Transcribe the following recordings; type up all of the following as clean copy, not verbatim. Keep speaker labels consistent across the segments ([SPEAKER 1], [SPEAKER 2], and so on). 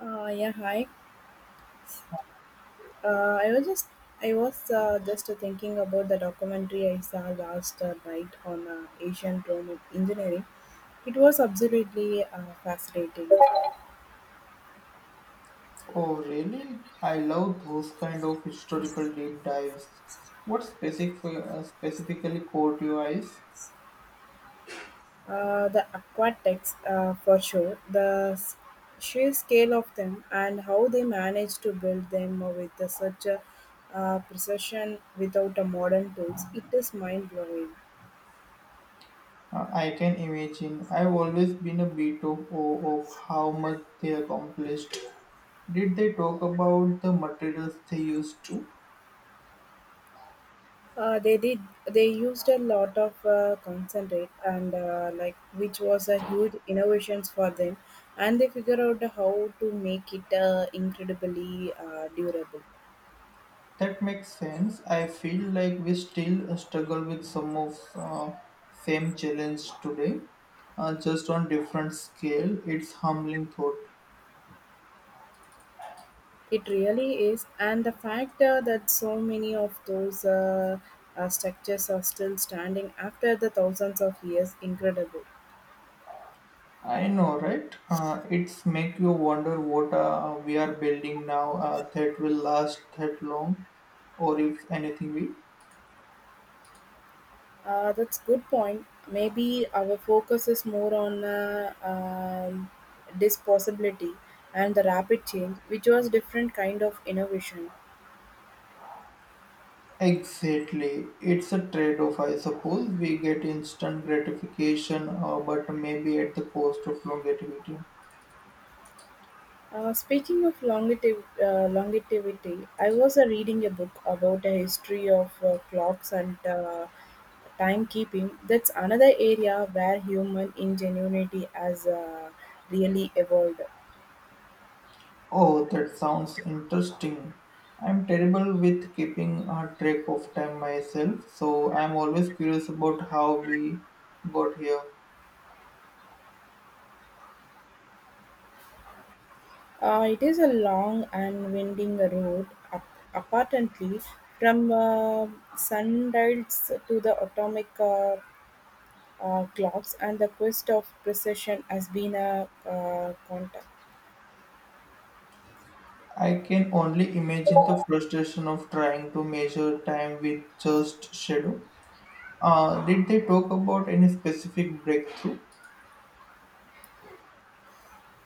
[SPEAKER 1] Yeah, hi. Uh, I was just I was just thinking about the documentary I saw last night on Asian drone engineering. It was absolutely fascinating.
[SPEAKER 2] Oh, really? I love those kind of historical deep dives. What specific, specifically caught your eyes?
[SPEAKER 1] The aquatics, for sure, sheer scale of them and how they managed to build them with such a precision without a modern tools. It is mind blowing.
[SPEAKER 2] I can imagine. I've always been a bit of, awe of how much they accomplished. Did they talk about the materials they used to?
[SPEAKER 1] They did. They used a lot of concentrate, and like which was a huge innovations for them, and they figured out how to make it incredibly durable.
[SPEAKER 2] That makes sense. I feel like we still struggle with some of same challenge today, just on different scale. It's humbling thought.
[SPEAKER 1] It really is, and the fact that so many of those structures are still standing after the thousands of years, incredible.
[SPEAKER 2] I know, right? It's make you wonder what we are building now that will last that long, or if anything will.
[SPEAKER 1] That's good point. Maybe our focus is more on disposability and the rapid change, which was different kind of innovation.
[SPEAKER 2] Exactly, it's a trade-off, I suppose. We get instant gratification, but maybe at the cost of longevity.
[SPEAKER 1] Speaking of longevity, I was reading a book about the history of clocks and timekeeping. That's another area where human ingenuity has really evolved.
[SPEAKER 2] Oh, that sounds interesting. I'm terrible with keeping a track of time myself, so I'm always curious about how we got here.
[SPEAKER 1] It is a long and winding road, apparently, from sundials to the atomic clocks, and the quest of precision has been a contact.
[SPEAKER 2] I can only imagine the frustration of trying to measure time with just shadow. Did they talk about any specific breakthrough?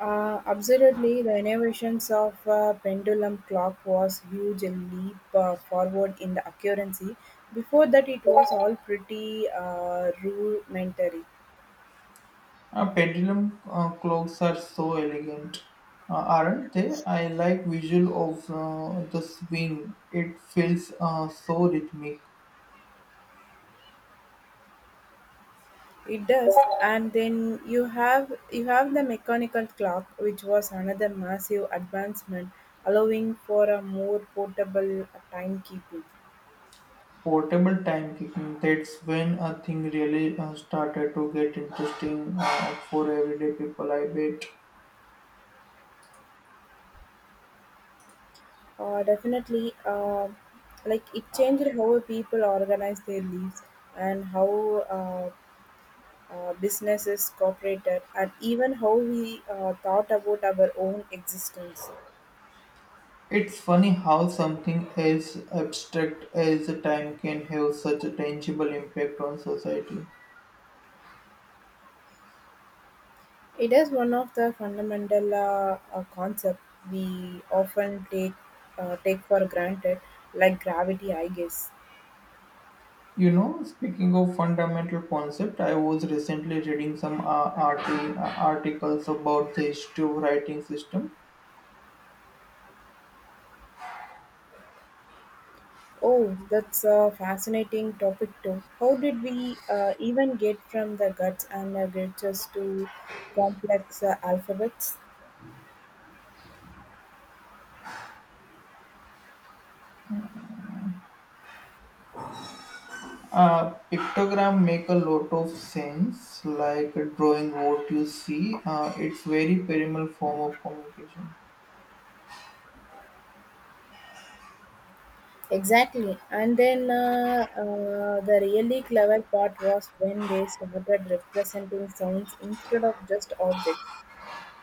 [SPEAKER 1] Absolutely, the innovations of pendulum clock was huge leap forward in the accuracy. Before that, it was all pretty rudimentary.
[SPEAKER 2] Pendulum clocks are so elegant, aren't they? I like visual of the swing. It feels so rhythmic.
[SPEAKER 1] It does, and then you have the mechanical clock, which was another massive advancement, allowing for a more portable timekeeping.
[SPEAKER 2] Portable time kicking. That's when a thing really started to get interesting for everyday people. I bet.
[SPEAKER 1] Definitely, like it changed how people organize their lives and how uh, businesses cooperated, and even how we thought about our own existence.
[SPEAKER 2] It's funny how something as abstract as time can have such a tangible impact on society.
[SPEAKER 1] It is one of the fundamental concepts we often take for granted, like gravity, I guess.
[SPEAKER 2] You know, speaking of fundamental concept, I was recently reading some articles about the history of writing system.
[SPEAKER 1] Oh, that's a fascinating topic too. How did we even get from the guts and the gritters to complex alphabets?
[SPEAKER 2] Pictogram make a lot of sense, like drawing what you see. It's very primal form of communication.
[SPEAKER 1] Exactly. And then the really clever part was when they started representing sounds instead of just objects.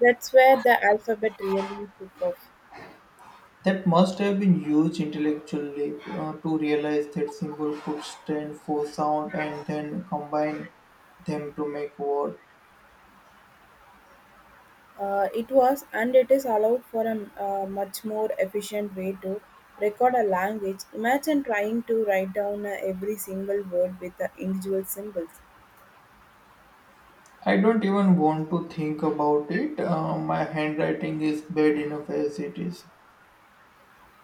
[SPEAKER 1] That's where the alphabet really took off.
[SPEAKER 2] That must have been huge intellectual leap to realize that symbol could stand for sound and then combine them to make word.
[SPEAKER 1] It was, and it is allowed for a much more efficient way to record a language. Imagine trying to write down every single word with the individual symbols.
[SPEAKER 2] I don't even want to think about it. My handwriting is bad enough as it is.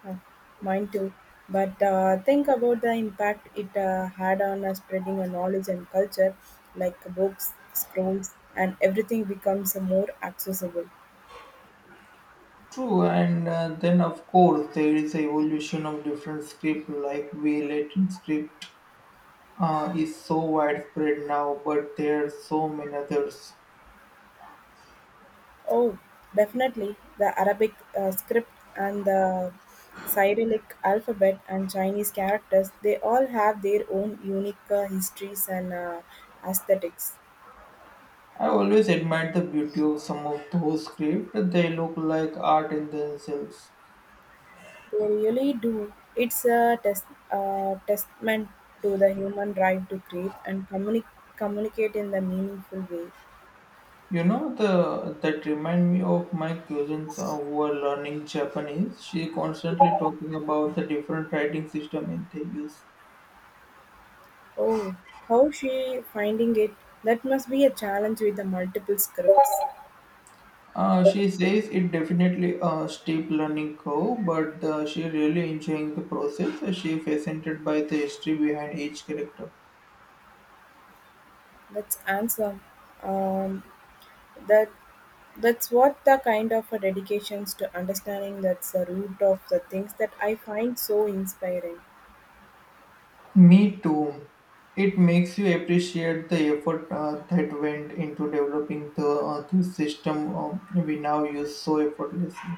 [SPEAKER 1] Uh, Mine too. But think about the impact it had on spreading a knowledge and culture, like books, scrolls, and everything becomes more accessible.
[SPEAKER 2] True, and then of course there is the evolution of different script, like we Latin script is so widespread now, but there are so many others.
[SPEAKER 1] Oh, definitely. The Arabic script and the Cyrillic alphabet and Chinese characters, they all have their own unique histories and aesthetics.
[SPEAKER 2] I always admired the beauty of some of those scripts. They look like art in themselves.
[SPEAKER 1] They really do. It's a testament to the human drive to create and communicate in the meaningful way.
[SPEAKER 2] You know, the that remind me of my cousins who are learning Japanese. She constantly talking about the different writing system in they use.
[SPEAKER 1] Oh, how she finding it? That must be a challenge with the multiple scripts.
[SPEAKER 2] She says it definitely a steep learning curve, but she really enjoying the process. She fascinated by the history behind each character.
[SPEAKER 1] That's answer. Um, That, That's what the kind of a dedications to understanding that's the root of the things that I find so inspiring.
[SPEAKER 2] Me too. It makes you appreciate the effort that went into developing the this system we now use so effortlessly.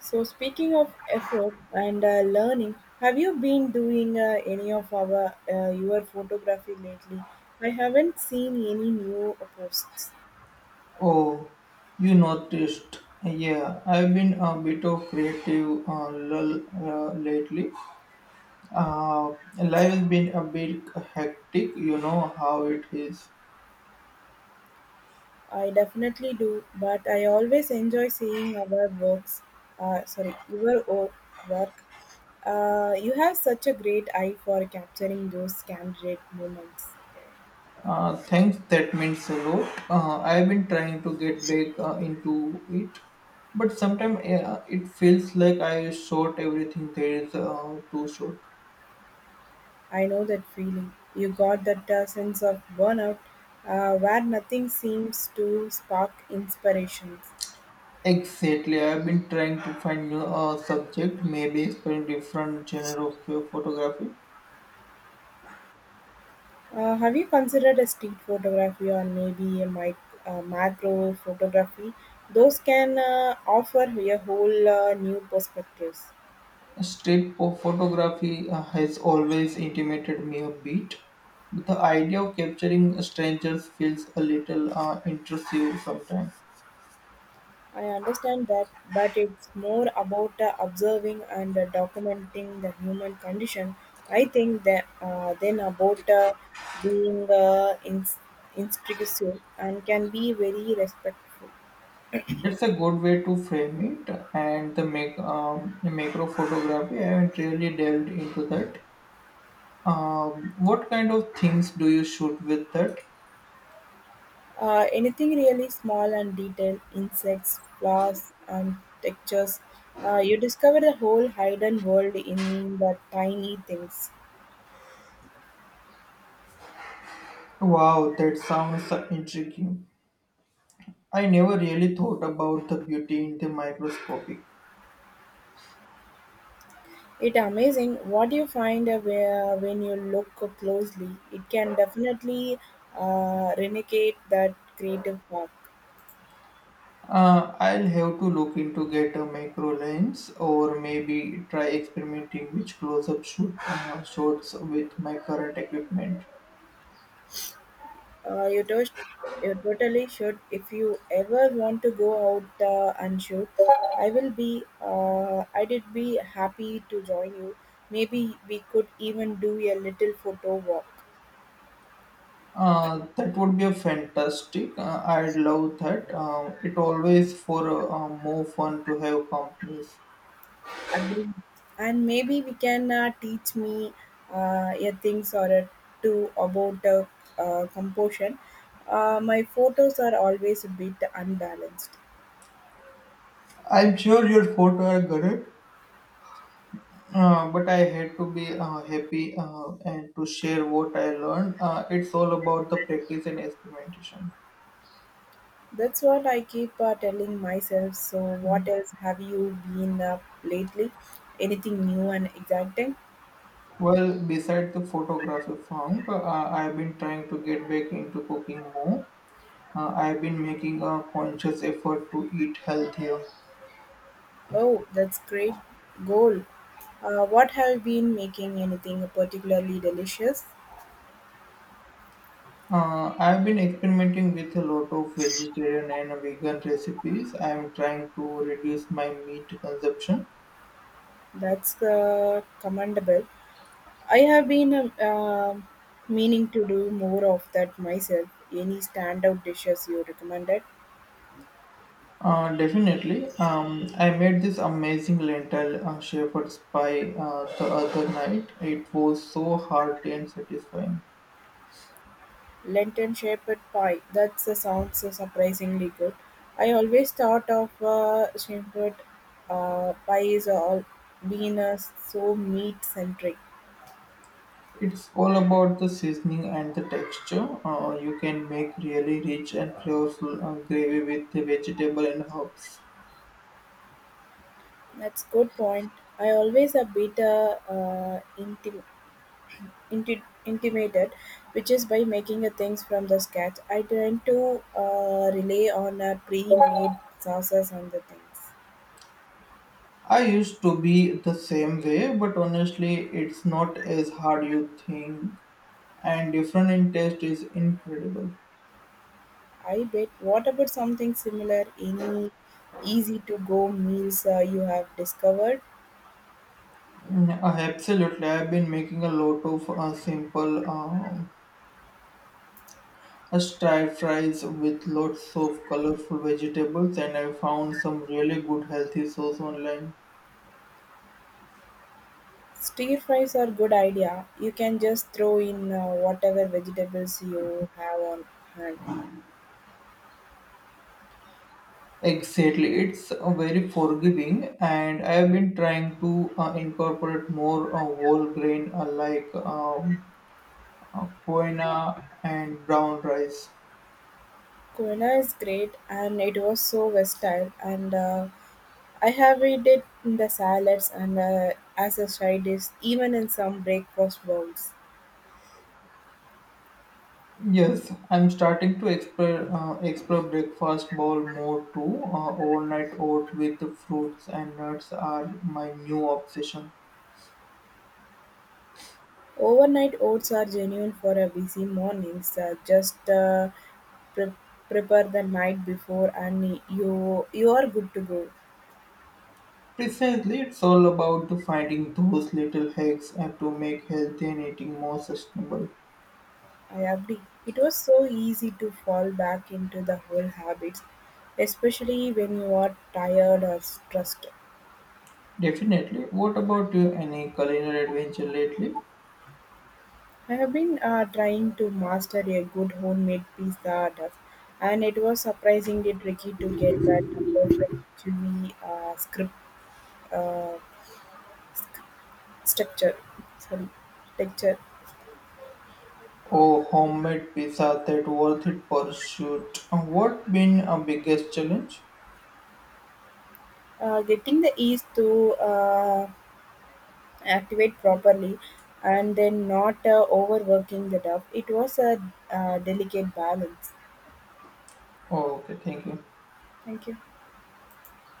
[SPEAKER 1] So speaking of effort and learning, have you been doing any of our your photography lately? I haven't seen any new posts.
[SPEAKER 2] Oh, you noticed? Yeah, I've been a bit of creative lull lately. Uh, Life has been a bit hectic. You know how it is.
[SPEAKER 1] I definitely do, but I always enjoy seeing our works. Sorry, work. You have such a great eye for capturing those candid moments.
[SPEAKER 2] Thanks, that means a lot. I've been trying to get back into it, but sometimes it feels like I short everything there is too short.
[SPEAKER 1] I know that feeling. You got that sense of burnout where nothing seems to spark inspirations.
[SPEAKER 2] Exactly, I've been trying to find new subject, maybe exploring different genre of photography.
[SPEAKER 1] Have you considered a street photography or maybe a macro photography? Those can offer you a whole new perspectives.
[SPEAKER 2] Street photography has always intimated me a bit, but the idea of capturing strangers feels a little intrusive sometimes.
[SPEAKER 1] I understand that, but it's more about observing and documenting the human condition. I think that then about being instructive and can be very respectful.
[SPEAKER 2] That's a good way to frame it, and the make macro photography. I haven't really delved into that. What kind of things do you shoot with that?
[SPEAKER 1] Anything really small and detailed, insects, flowers, and textures, you discover the whole hidden world in the tiny things.
[SPEAKER 2] Wow, that sounds so intriguing. I never really thought about the beauty in the microscopic.
[SPEAKER 1] It amazing what you find when you look closely. It can definitely renegade that creative spark.
[SPEAKER 2] I'll have to look into get a macro lens or maybe try experimenting with close-up shoot shots with my current equipment.
[SPEAKER 1] Uh, you, to- you totally should. If you ever want to go out and shoot, I will be. I did be happy to join you. Maybe we could even do a little photo walk.
[SPEAKER 2] That would be a fantastic. I'd love that. It always for more fun to have companies.
[SPEAKER 1] Agree, and maybe we can teach me a things or a two about composition. My photos are always a bit unbalanced.
[SPEAKER 2] I'm sure your photo are good, but I had to be happy and to share what I learned. It's all about the practice and experimentation.
[SPEAKER 1] That's what I keep telling myself. So what else have you been up lately? Anything new and exciting?
[SPEAKER 2] Well, besides the photography funk, I've been trying to get back into cooking more. I've been making a conscious effort to eat healthier.
[SPEAKER 1] Oh, that's great goal. What have been making anything particularly delicious?
[SPEAKER 2] I've been experimenting with a lot of vegetarian and vegan recipes. I'm trying to reduce my meat consumption.
[SPEAKER 1] That's commendable. I have been meaning to do more of that myself. Any standout dishes you recommended?
[SPEAKER 2] Definitely. I made this amazing lentil shepherd's pie the other night. It was so hearty and satisfying.
[SPEAKER 1] Lenten shepherd pie. That sounds surprisingly good. I always thought of shepherd pie is all being so meat centric.
[SPEAKER 2] It's all about the seasoning and the texture. You can make really rich and flavorful gravy with the vegetable and herbs.
[SPEAKER 1] That's good point. I always a bit intimated, which is by making a things from the scratch. I tend to rely on a pre-made sauces and the things.
[SPEAKER 2] I used to be the same way, but honestly, it's not as hard you think, and different in taste is incredible.
[SPEAKER 1] I bet. What about something similar? Any easy-to-go meals you have discovered?
[SPEAKER 2] Absolutely, I've been making a lot of simple stir fries with lots of colorful vegetables, and I found some really good healthy sauce online.
[SPEAKER 1] Stir fries are good idea. You can just throw in whatever vegetables you have on hand.
[SPEAKER 2] Exactly, it's very forgiving, and I have been trying to incorporate more whole grain, like. Quinoa and brown rice.
[SPEAKER 1] Kuena is great, and it was so versatile. And I have eaten it in the salads and as a side dish, even in some breakfast bowls.
[SPEAKER 2] Yes, I'm starting to explore breakfast bowl more too. Overnight oat with the fruits and nuts are my new obsession.
[SPEAKER 1] Overnight oats are genuine for a busy mornings. Just pre- prepare the night before, and you are good to go.
[SPEAKER 2] Precisely, it's all about the finding those little hacks and to make healthy and eating more sustainable.
[SPEAKER 1] I agree. It was so easy to fall back into the whole habits, especially when you are tired or stressed.
[SPEAKER 2] Definitely. What about you? Any culinary adventure lately?
[SPEAKER 1] I've been trying to master a good homemade pizza dough, and it was surprisingly tricky to get that perfect chewy script uh, structure. Sorry, texture.
[SPEAKER 2] Oh, homemade pizza that worth it pursuit. What been a biggest challenge?
[SPEAKER 1] Getting the yeast to activate properly, and then not overworking the dough. It was a delicate balance.
[SPEAKER 2] Oh, okay, thank you.
[SPEAKER 1] Thank you.